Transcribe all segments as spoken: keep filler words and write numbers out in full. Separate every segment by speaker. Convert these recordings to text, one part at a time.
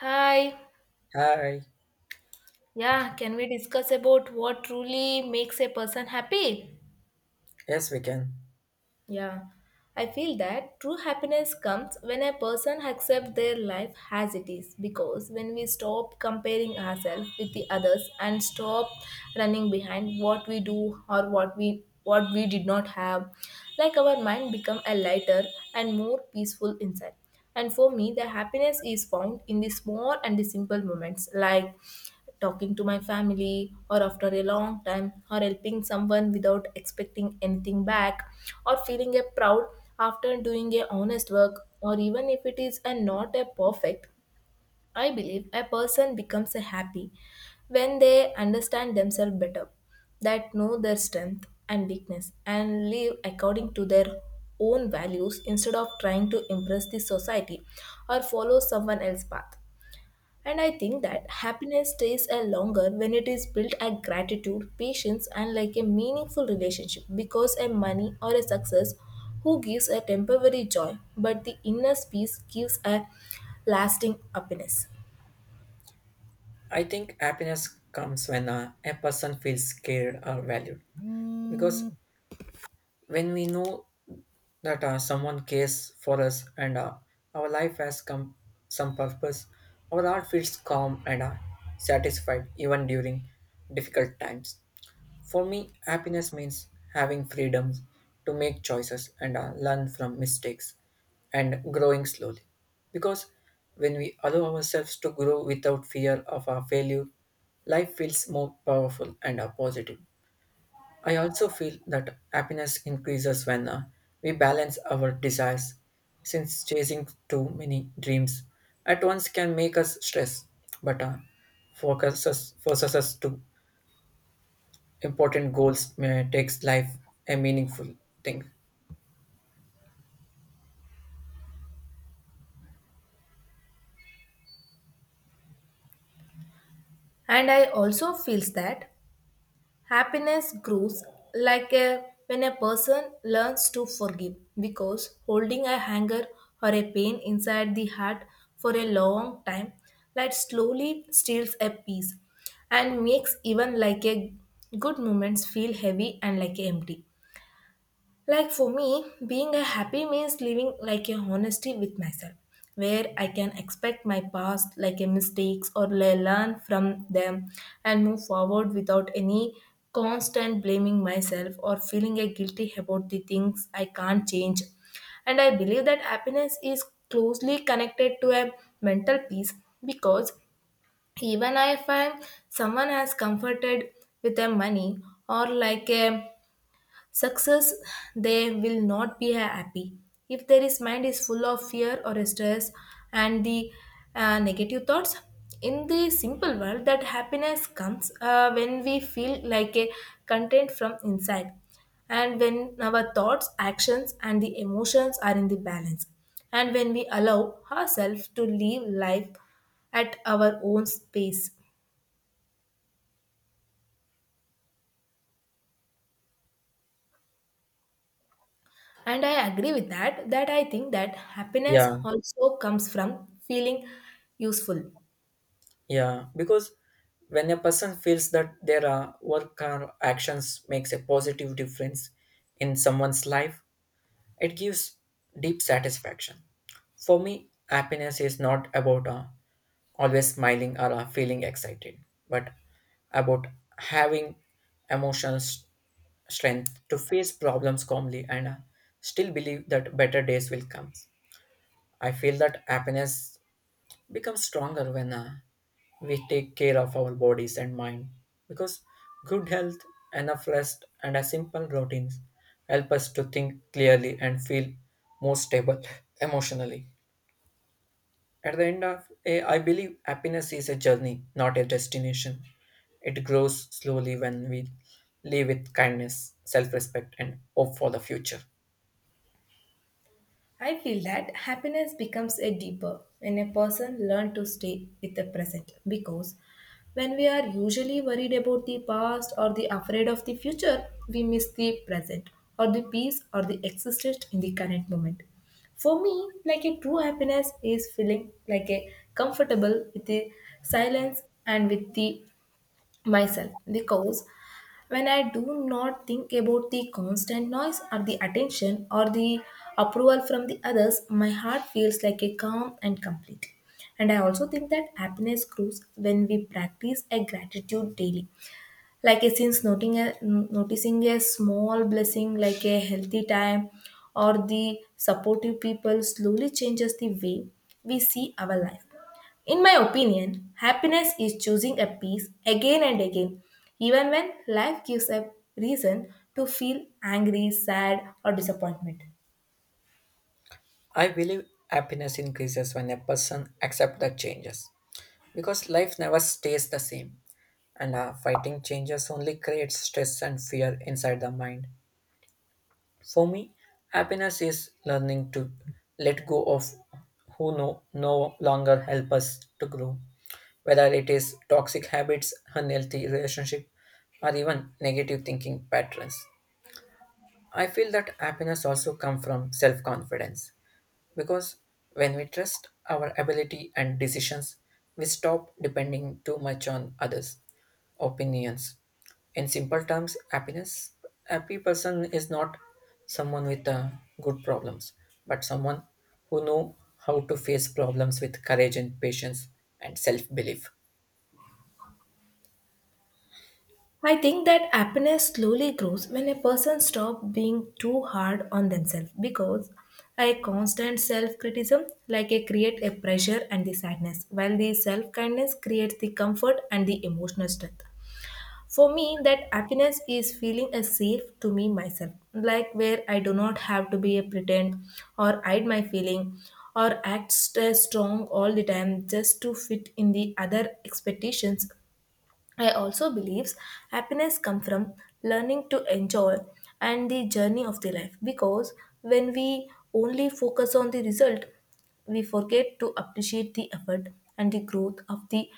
Speaker 1: Hi.
Speaker 2: Hi,
Speaker 1: Yeah, can we discuss about what truly makes a person happy?
Speaker 2: yes, we can.
Speaker 1: Yeah. I feel that true happiness comes when a person accepts their life as it is because when we stop comparing ourselves with the others and stop running behind what we do or what we what we did not have like our mind become a lighter and more peaceful inside. And for me the happiness is found in the small and the simple moments like talking to my family or after a long time or helping someone without expecting anything back or feeling a proud after doing a honest work or even if it is a not a perfect. I believe a person becomes a happy when they understand themselves better that know their strength and weakness and live according to their own values instead of trying to impress the society or follow someone else's path. And I think that happiness stays a longer when it is built at gratitude, patience, and like a meaningful relationship because a money or a success who gives a temporary joy, but the inner peace gives a lasting happiness.
Speaker 2: I think happiness comes when uh, a person feels cared or valued. Because when we know that uh, someone cares for us and uh, our life has come some purpose, our heart feels calm and uh, satisfied even during difficult times. For me, happiness means having freedoms to make choices and uh, learn from mistakes and growing slowly. Because when we allow ourselves to grow without fear of our failure, life feels more powerful and are positive. I also feel that happiness increases when uh, we balance our desires, since chasing too many dreams at once can make us stress, but uh, focuses, forces us to important goals may takes life a meaningful thing.
Speaker 1: And I also feels that happiness grows like a, when a person learns to forgive because holding a anger or a pain inside the heart for a long time that slowly steals a peace and makes even like a good moments feel heavy and like empty. Like for me, being a happy means living like a honesty with myself, where I can expect my past like a mistakes or le- learn from them and move forward without any constant blaming myself or feeling a guilty about the things I can't change. And I believe that happiness is closely connected to a mental peace because even if I'm someone has comforted with their money or like a success, they will not be happy. If there is mind is full of fear or stress and the uh, negative thoughts. In the simple world, that happiness comes uh, when we feel like a content from inside and when our thoughts, actions, and the emotions are in the balance, and when we allow ourselves to live life at our own space. And I agree with that that I think that
Speaker 2: Yeah.
Speaker 1: happiness also comes from feeling useful.
Speaker 2: Yeah, because when a person feels that their uh, work or actions makes a positive difference in someone's life, it gives deep satisfaction. For me, happiness is not about uh, always smiling or uh, feeling excited, but about having emotional s- strength to face problems calmly and uh, still believe that better days will come. I feel that happiness become stronger when uh, we take care of our bodies and mind because good health enough rest and a simple routines help us to think clearly and feel more stable emotionally at the end of a, I believe happiness is a journey not a destination. It grows slowly when we live with kindness self-respect and hope for the future.
Speaker 1: I feel that happiness becomes a deeper when a person learns to stay with the present because when we are usually worried about the past or the afraid of the future we miss the present or the peace or the existence in the current moment. For me, like a true happiness is feeling like a comfortable with the silence and with the myself because when I do not think about the constant noise or the attention or the approval from the others, my heart feels like a calm and complete. And I also think that happiness grows when we practice a gratitude daily like a since noting a, noticing a small blessing like a healthy time or the supportive people slowly changes the way we see our life. In my opinion, happiness is choosing a peace again and again even when life gives a reason to feel angry, sad, or disappointment.
Speaker 2: I believe happiness increases when a person accepts the changes because life never stays the same and uh, fighting changes only creates stress and fear inside the mind. For me happiness is learning to let go of who no, no longer help us to grow, whether it is toxic habits unhealthy relationship or even negative thinking patterns. I feel that happiness also comes from self confidence because when we trust our ability and decisions we stop depending too much on others opinions. In simple terms, happiness happy person is not someone with uh, good problems, but someone who know how to face problems with courage and patience and self-belief.
Speaker 1: I think that happiness slowly grows when a person stops being too hard on themselves because a constant self criticism like a create a pressure and the sadness while the self kindness creates the comfort and the emotional strength. For me that happiness is feeling a safe to me myself like where I do not have to be a pretend or hide my feeling or act st- strong all the time just to fit in the other expectations. I also believe happiness comes from learning to enjoy and the journey of the life because when we only focus on the result, we forget to appreciate the effort and the growth of the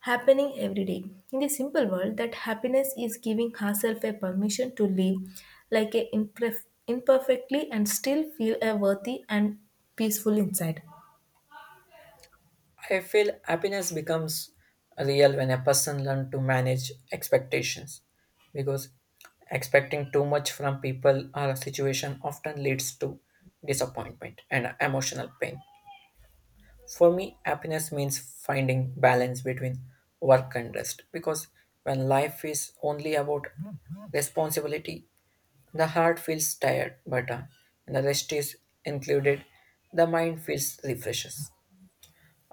Speaker 1: happening every day. In the simple world, that happiness is giving herself a permission to live like a imperf- imperfectly and still feel a worthy and peaceful inside.
Speaker 2: I feel happiness becomes real when a person learns to manage expectations because expecting too much from people or a situation often leads to disappointment and emotional pain. For me, happiness means finding balance between work and rest because when life is only about responsibility, the heart feels tired, but uh, when the rest is included, the mind feels refreshes.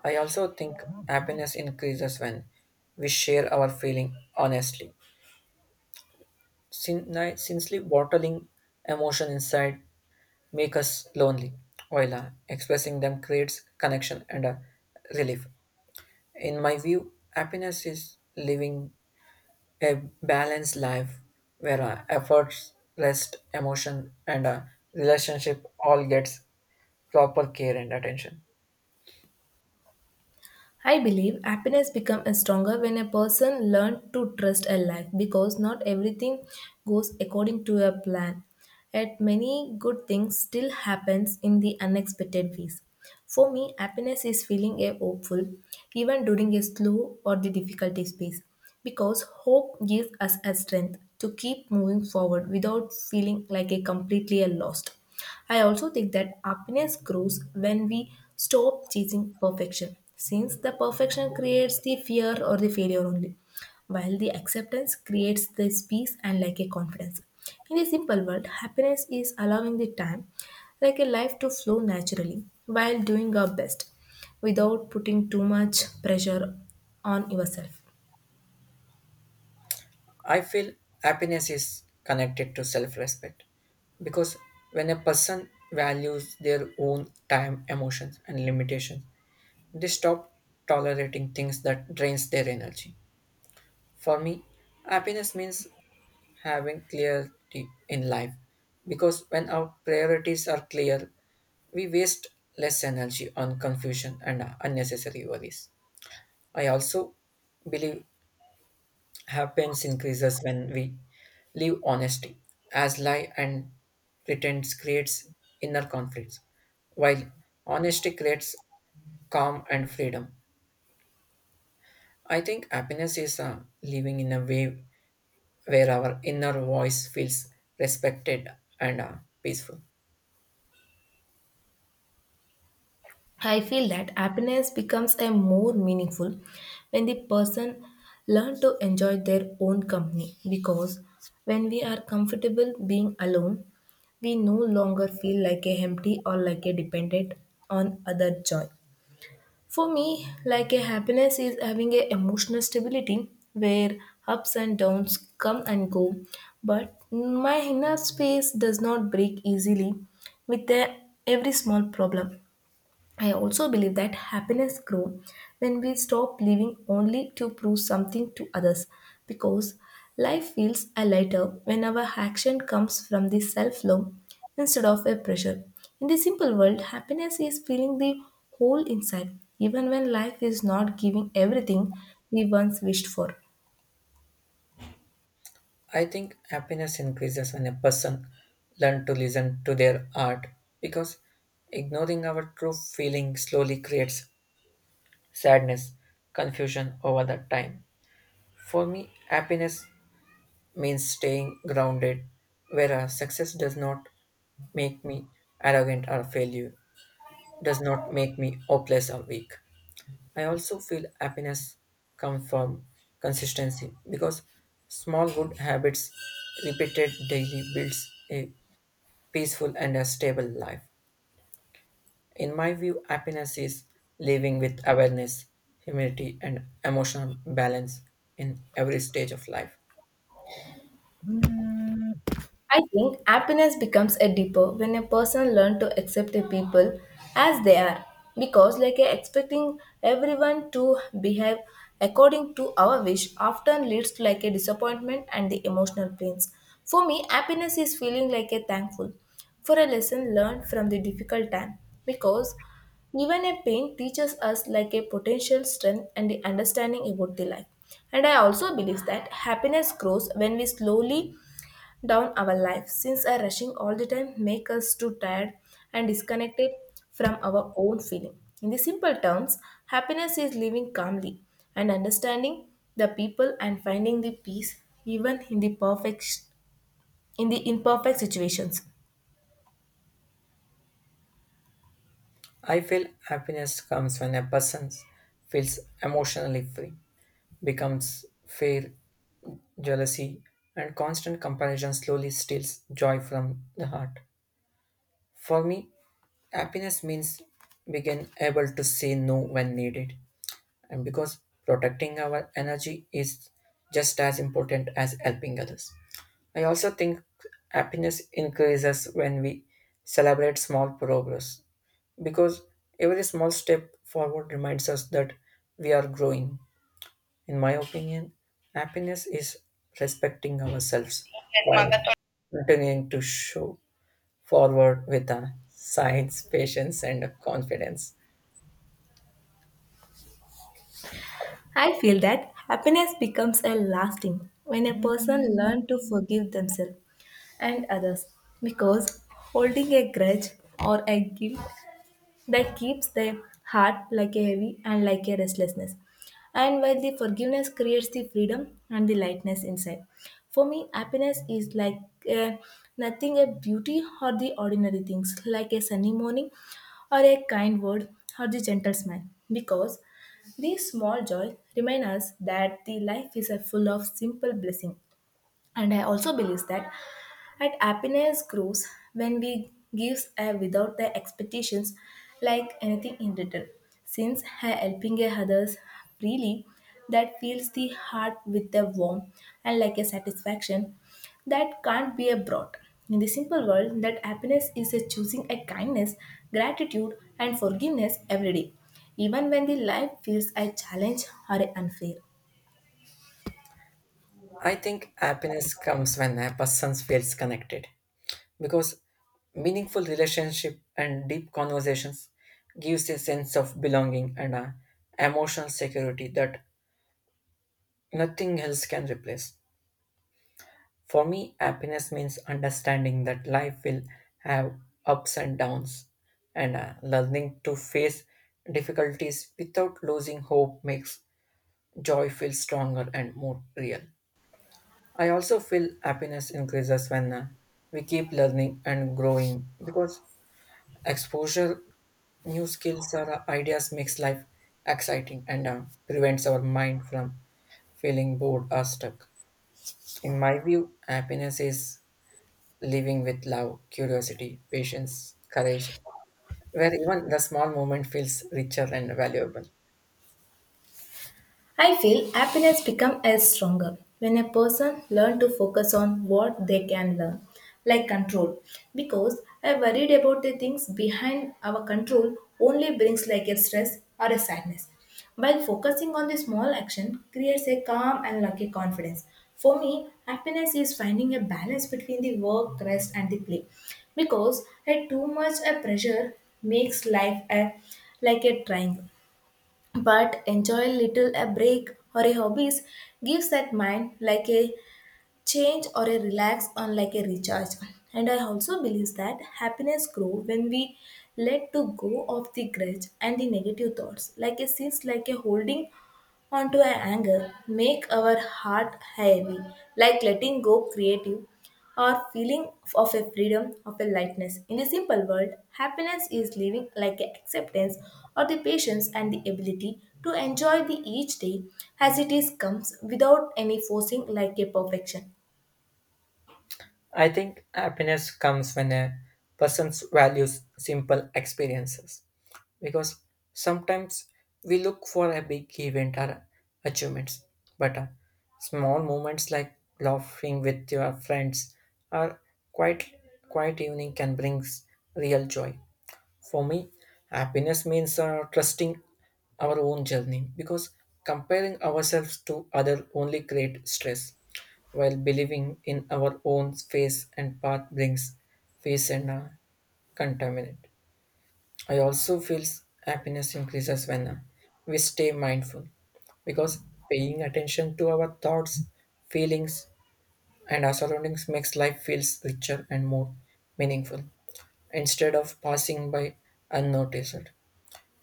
Speaker 2: I also think happiness increases when we share our feeling honestly. Sin- ni- sincerely bottling emotion inside make us lonely, while uh, expressing them creates connection and uh, relief. In my view, happiness is living a balanced life where uh, efforts, rest, emotion, and uh, relationship all gets proper care and attention.
Speaker 1: I believe happiness becomes stronger when a person learns to trust a life because not everything goes according to a plan. Yet many good things still happens in the unexpected ways. For me, happiness is feeling a hopeful even during a slow or the difficulty space because hope gives us a strength to keep moving forward without feeling like a completely a lost. I also think that happiness grows when we stop chasing perfection since the perfection creates the fear or the failure only while the acceptance creates this peace and like a confidence. In a simple world, happiness is allowing the time like a life to flow naturally while doing our best without putting too much pressure on yourself.
Speaker 2: I feel happiness is connected to self-respect because when a person values their own time, emotions, and limitations, they stop tolerating things that drains their energy. For me, happiness means having clarity in life because when our priorities are clear we waste less energy on confusion and unnecessary worries. I also believe happiness increases when we live honesty as lie and pretense creates inner conflicts while honesty creates calm and freedom. I think happiness is uh, living in a way where our inner voice feels respected and uh, peaceful.
Speaker 1: I feel that happiness becomes a more meaningful when the person learn to enjoy their own company because when we are comfortable being alone, we no longer feel like a empty or like a dependent on other joy. For me, like a happiness is having a emotional stability where ups and downs come and go, but my inner space does not break easily with the, every small problem. I also believe that happiness grows when we stop living only to prove something to others because life feels a lighter when our action comes from the self love instead of a pressure. In the simple world, happiness is feeling the whole inside, even when life is not giving everything we once wished for.
Speaker 2: I think happiness increases when a person learns to listen to their heart because ignoring our true feeling slowly creates sadness, confusion over the time. For me, happiness means staying grounded, whereas success does not make me arrogant or failure, does not make me hopeless or weak. I also feel happiness comes from consistency because small good habits repeated daily builds a peaceful and a stable life. In my view, happiness is living with awareness, humility, and emotional balance in every stage of life.
Speaker 1: I think happiness becomes a deeper when a person learns to accept the people as they are because like a expecting everyone to behave according to our wish often leads to like a disappointment and the emotional pains. For me, happiness is feeling like a thankful for a lesson learned from the difficult time because even a pain teaches us like a potential strength and the understanding about the life. And I also believe that happiness grows when we slowly down our life since our rushing all the time make us too tired and disconnected from our own feeling. In the simple terms, happiness is living calmly and understanding the people and finding the peace even in the perfect in the imperfect situations.
Speaker 2: I feel happiness comes when a person feels emotionally free, becomes fear, jealousy, and constant comparison slowly steals joy from the heart. For me, happiness means being able to say no when needed, and because protecting our energy is just as important as helping others. I also think happiness increases when we celebrate small progress because every small step forward reminds us that we are growing. In my opinion, happiness is respecting ourselves while continuing to show forward with a science, patience, and confidence.
Speaker 1: I feel that happiness becomes a lasting when a person learns to forgive themselves and others because holding a grudge or a guilt that keeps the heart like a heavy and like a restlessness. And while the forgiveness creates the freedom and the lightness inside. For me, happiness is like uh, nothing a beauty or the ordinary things, like a sunny morning or a kind word or the gentle smile. Because these small joys remind us that the life is a full of simple blessing. And I also believe that and happiness grows when we give uh, without the expectations like anything in return. Since ha- helping a others freely, that fills the heart with a warmth and like a satisfaction that can't be a brought. In the simple world, that happiness is a choosing a kindness, gratitude, and forgiveness every day, even when the life feels a challenge or unfair.
Speaker 2: I think happiness comes when a person feels connected because meaningful relationship and deep conversations gives a sense of belonging and a emotional security that nothing else can replace. For me, happiness means understanding that life will have ups and downs and uh, learning to face difficulties without losing hope makes joy feel stronger and more real. I also feel happiness increases when uh, we keep learning and growing because exposure, new skills or uh, ideas makes life exciting and uh, prevents our mind from feeling bored or stuck. In my view, happiness is living with love, curiosity, patience, courage, where even the small moment feels richer and valuable.
Speaker 1: I feel happiness becomes as stronger when a person learn to focus on what they can learn, like control. Because I worried about the things behind our control only brings like a stress or a sadness. While focusing on the small action creates a calm and lucky confidence. For me, happiness is finding a balance between the work, rest, and the play. Because a too much a pressure makes life a like a triangle but enjoy little a break or a hobbies gives that mind like a change or a relax on like a recharge. And I also believe that happiness grow when we let to go of the grudge and the negative thoughts like a sins like a holding onto our anger make our heart heavy like letting go creative or feeling of a freedom of a lightness. In a simple word, happiness is living like a acceptance or the patience and the ability to enjoy the each day as it is comes without any forcing like a perfection.
Speaker 2: I think happiness comes when a person values simple experiences because sometimes we look for a big event or achievements, but uh, small moments like laughing with your friends or quiet, quiet evening can bring real joy. For me, happiness means uh, trusting our own journey because comparing ourselves to other only create stress while believing in our own face and path brings peace and uh, contentment. I also feel happiness increases when uh, we stay mindful because paying attention to our thoughts, feelings, and our surroundings makes life feels richer and more meaningful instead of passing by unnoticed.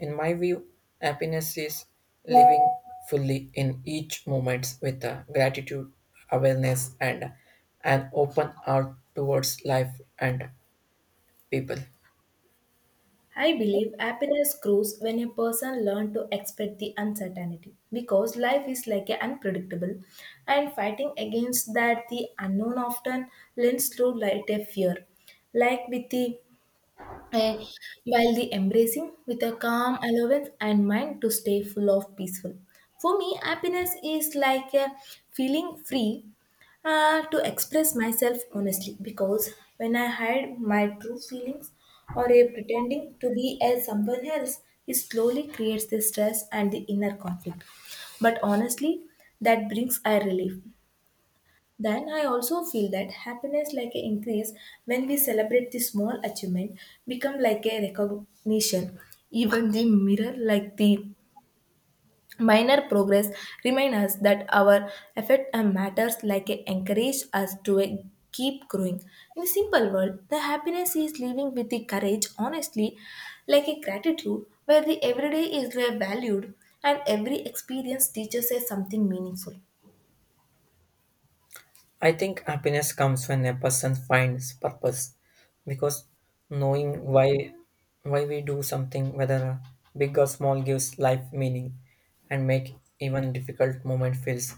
Speaker 2: In my view, happiness is living fully in each moment with uh, gratitude, awareness, and an open heart towards life and people.
Speaker 1: I believe happiness grows when a person learns to expect the uncertainty because life is like a unpredictable and fighting against that the unknown often lends to light a fear like with the eh, while the embracing with a calm allowance and mind to stay full of peaceful. For me, happiness is like a feeling free uh, to express myself honestly because when I hide my true feelings or a pretending to be as someone else, it slowly creates the stress and the inner conflict. But honestly, that brings a relief. Then I also feel that happiness like a increase when we celebrate the small achievement become like a recognition. Even the mirror like the minor progress remind us that our effort and matters like a encourage us to a keep growing. In a simple world, the happiness is living with the courage, honestly, like a gratitude where the everyday is valued and every experience teaches us something meaningful.
Speaker 2: I think happiness comes when a person finds purpose because knowing why why we do something whether big or small gives life meaning and make even difficult moment feels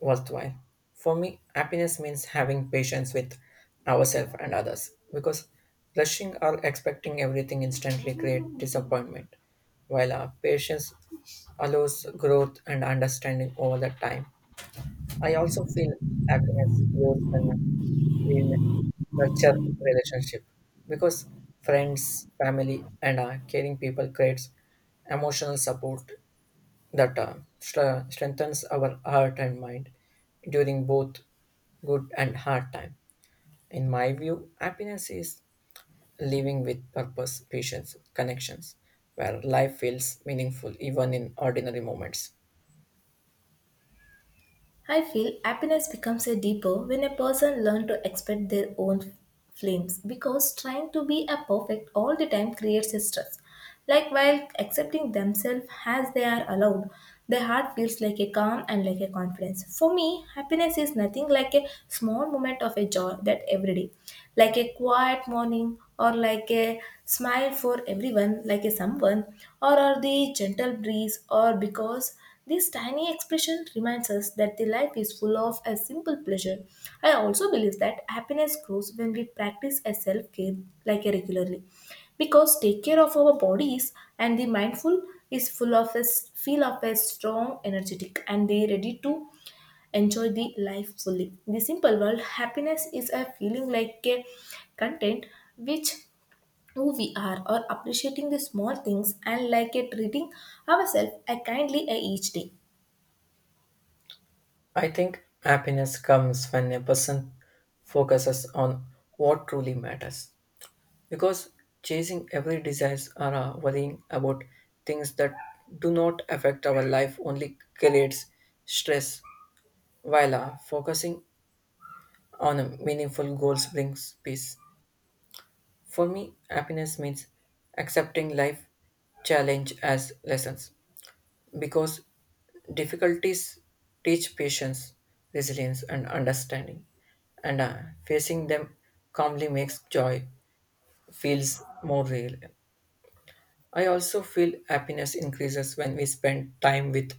Speaker 2: worthwhile. For me, happiness means having patience with ourselves and others because rushing or expecting everything instantly create disappointment while our patience allows growth and understanding over the time. I also feel happiness grows when in nurture relationship because friends, family, and uh, caring people creates emotional support that uh, stre- strengthens our heart and mind during both good and hard time. In my view, happiness is living with purpose, patience, connections, where life feels meaningful even in ordinary moments.
Speaker 1: I feel happiness becomes a deeper when a person learns to expect their own flames because trying to be a perfect all the time creates a stress. Like while accepting themselves as they are allowed, the heart feels like a calm and like a confidence. For me, happiness is nothing like a small moment of a joy that every day, like a quiet morning or like a smile for everyone, like a someone, or, or the gentle breeze, or because this tiny expression reminds us that the life is full of a simple pleasure. I also believe that happiness grows when we practice a self-care like regularly. Because take care of our bodies and the mindful is full of a s- feel of a strong, energetic, and they ready to enjoy the life fully. In the simple world, happiness is a feeling like a content which who we are or appreciating the small things and like a treating ourselves a kindly a each day.
Speaker 2: I think happiness comes when a person focuses on what truly matters because chasing every desire or uh, worrying about things that do not affect our life only creates stress while uh, focusing on meaningful goals brings peace. For me happiness means accepting life challenge as lessons because difficulties teach patience resilience and understanding and uh, facing them calmly makes joy feels more real. I also feel happiness increases when we spend time with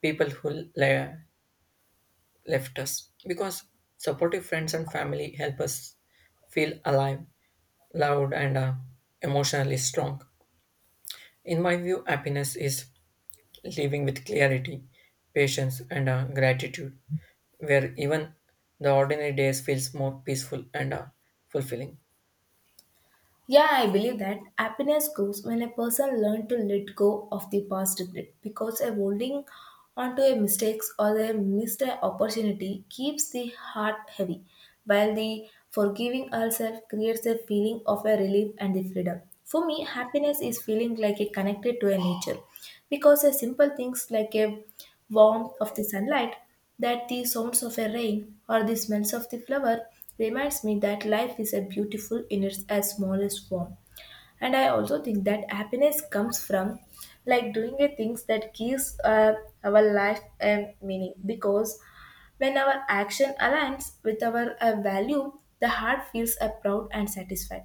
Speaker 2: people who le- left us because supportive friends and family help us feel alive, loud, and uh, emotionally strong. In my view, happiness is living with clarity, patience, and uh, gratitude, where even the ordinary days feels more peaceful and uh, fulfilling.
Speaker 1: Yeah, I believe that happiness grows when a person learns to let go of the past regret because a holding onto a mistakes or a missed opportunity keeps the heart heavy, while the forgiving ourselves creates a feeling of a relief and the freedom. For me, happiness is feeling like a connected to a nature because a simple things like a warmth of the sunlight that the sounds of a rain or the smells of the flower reminds me that life is a beautiful in its as smallest form. And I also think that happiness comes from like doing a things that gives uh, our life a meaning, because when our action aligns with our uh, value, the heart feels uh, proud and satisfied,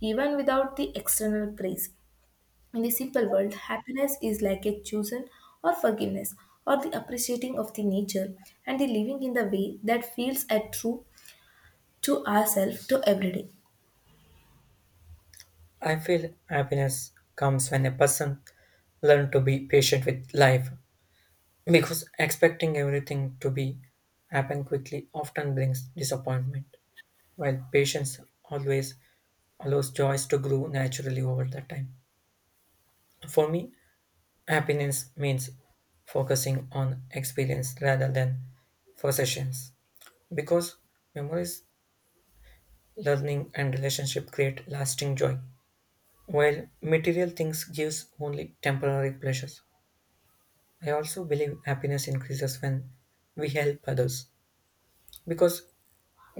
Speaker 1: even without the external praise. In the simple world, happiness is like a chosen or forgiveness or the appreciating of the nature and the living in the way that feels at true to ourselves to every day.
Speaker 2: I feel happiness comes when a person learns to be patient with life. Because expecting everything to be happen quickly often brings disappointment, while patience always allows joys to grow naturally over the time. For me, happiness means focusing on experience rather than possessions, because memories, learning, and relationship create lasting joy, while material things gives only temporary pleasures. I also believe happiness increases when we help others because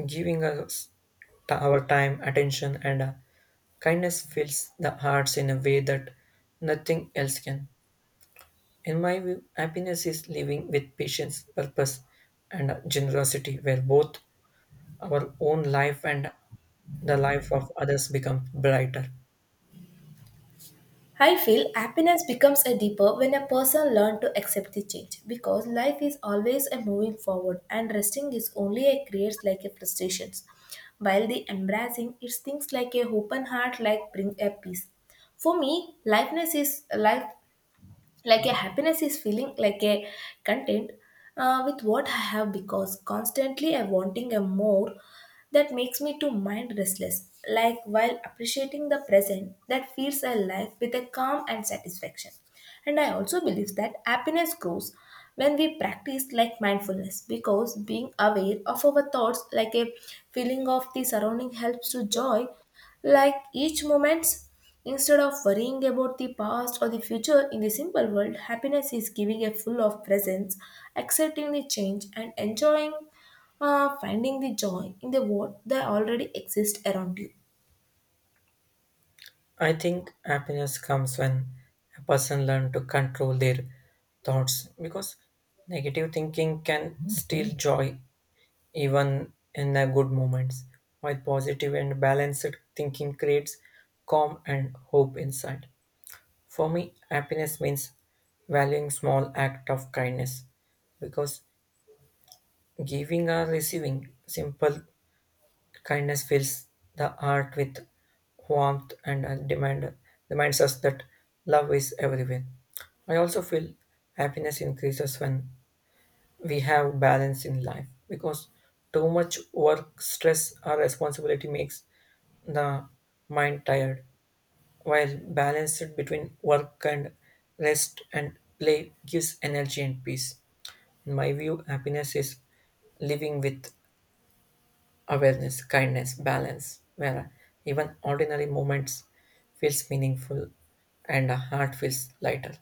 Speaker 2: giving us t- our time, attention, and uh, kindness fills the hearts in a way that nothing else can. In my view, happiness is living with patience, purpose, and uh, generosity, where both our own life and the life of others become brighter.
Speaker 1: I feel happiness becomes a deeper when a person learns to accept the change, because life is always a moving forward and resting is only a creates like a frustrations, while the embracing its things like a open heart like bring a peace. For me, lightness is life, like a happiness is feeling like a content uh, with what I have, because constantly I wanting a more, that makes me to mind restless, like while appreciating the present that feeds a life with a calm and satisfaction. And I also believe that happiness grows when we practice like mindfulness, because being aware of our thoughts like a feeling of the surrounding helps to joy like each moment instead of worrying about the past or the future. In the simple world, happiness is giving a full of presence, accepting the change and enjoying, uh, finding the joy in the what that already exists around you.
Speaker 2: I think happiness comes when a person learns to control their thoughts because negative thinking can steal joy even in the good moments, while positive and balanced thinking creates calm and hope inside. For me, happiness means valuing small act of kindness because giving or receiving simple kindness fills the heart with warmth and uh, demand reminds us that love is everywhere. I also feel happiness increases when we have balance in life because too much work stress or responsibility makes the mind tired while balance between work and rest and play gives energy and peace. In my view happiness is living with awareness kindness balance where even ordinary moments feels meaningful and the heart feels lighter.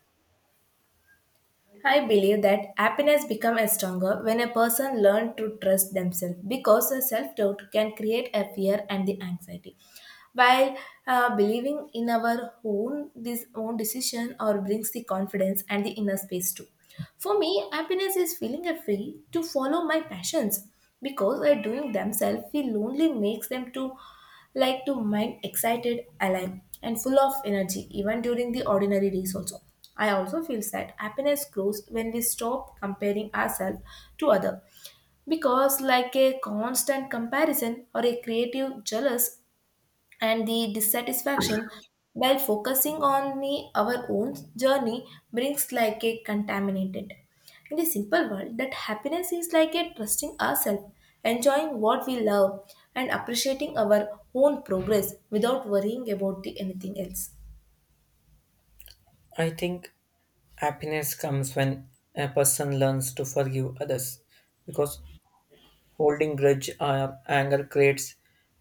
Speaker 1: I believe that happiness becomes stronger when a person learns to trust themselves, because self-doubt can create a fear and the anxiety. While uh, believing in our own this own decision or brings the confidence and the inner space too. For me, happiness is feeling a free to follow my passions, because by doing themselves feel lonely makes them to like to mind excited, alive, and full of energy even during the ordinary days also. I also feel that happiness grows when we stop comparing ourselves to other, because like a constant comparison or a creative jealous and the dissatisfaction, while focusing on the, our own journey brings like a contaminated. In the simple world, that happiness is like a trusting ourselves, enjoying what we love, and appreciating our own progress without worrying about the anything else.
Speaker 2: I think happiness comes when a person learns to forgive others because holding grudge or anger creates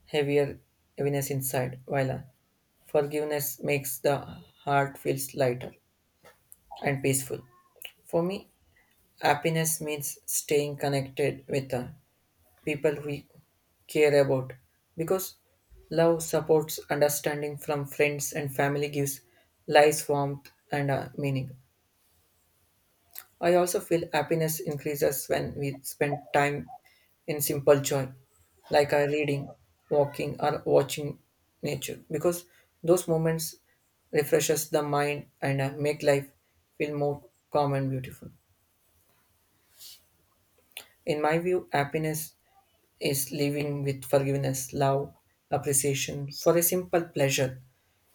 Speaker 2: heavier heaviness inside, while uh, forgiveness makes the heart feels lighter and peaceful. For me, happiness means staying connected with the people we care about because love supports understanding from friends and family gives life warmth and uh, meaning. I also feel happiness increases when we spend time in simple joy, like uh, reading, walking, or watching nature, because those moments refreshes the mind and uh, make life feel more calm and beautiful. In my view, happiness is living with forgiveness, love, appreciation for a simple pleasure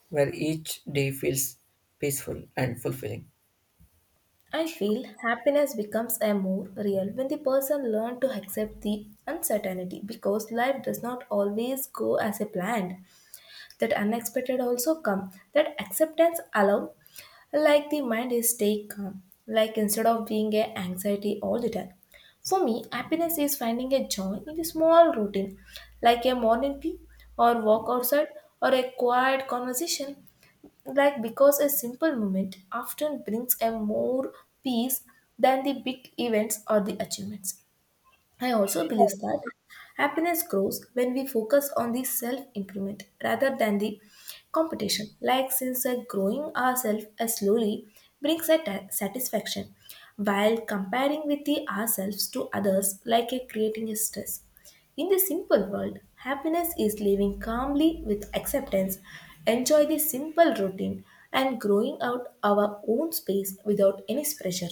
Speaker 2: where each day feels peaceful and fulfilling.
Speaker 1: I feel happiness becomes a more real when the person learns to accept the uncertainty, because life does not always go as a planned. That unexpected also come. That acceptance allows like the mind is stay calm, like instead of being a anxiety all the time. For me, happiness is finding a joy in a small routine, like a morning tea or walk outside or a quiet conversation. Like because a simple moment often brings a more peace than the big events or the achievements. I also believe that happiness grows when we focus on the self improvement rather than the competition. Like, since uh, growing ourselves uh, slowly brings a ta- satisfaction, while comparing with the ourselves to others, like uh, creating a stress. In the simple world, happiness is living calmly with acceptance, enjoy the simple routine, and growing out our own space without any pressure.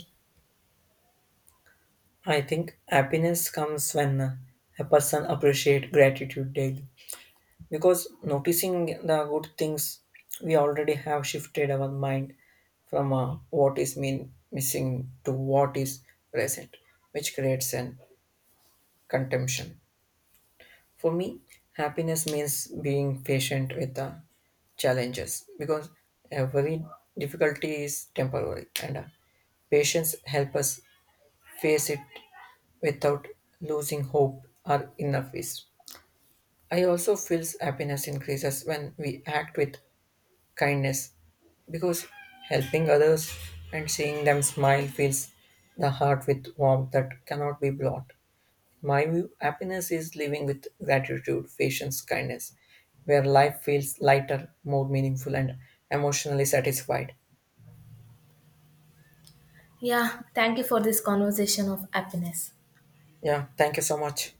Speaker 2: I think happiness comes when uh, a person appreciates gratitude daily because noticing the good things we already have shifted our mind from uh, what is mean missing to what is present which creates an contemption. For me happiness means being patient with the challenges because every difficulty is temporary and uh, patience help us face it without losing hope or inner peace. I also feel happiness increases when we act with kindness because helping others and seeing them smile fills the heart with warmth that cannot be bought. In my view, happiness is living with gratitude, patience, kindness, where life feels lighter, more meaningful, and emotionally satisfied.
Speaker 1: Yeah, thank you for this conversation of happiness.
Speaker 2: Yeah, thank you so much.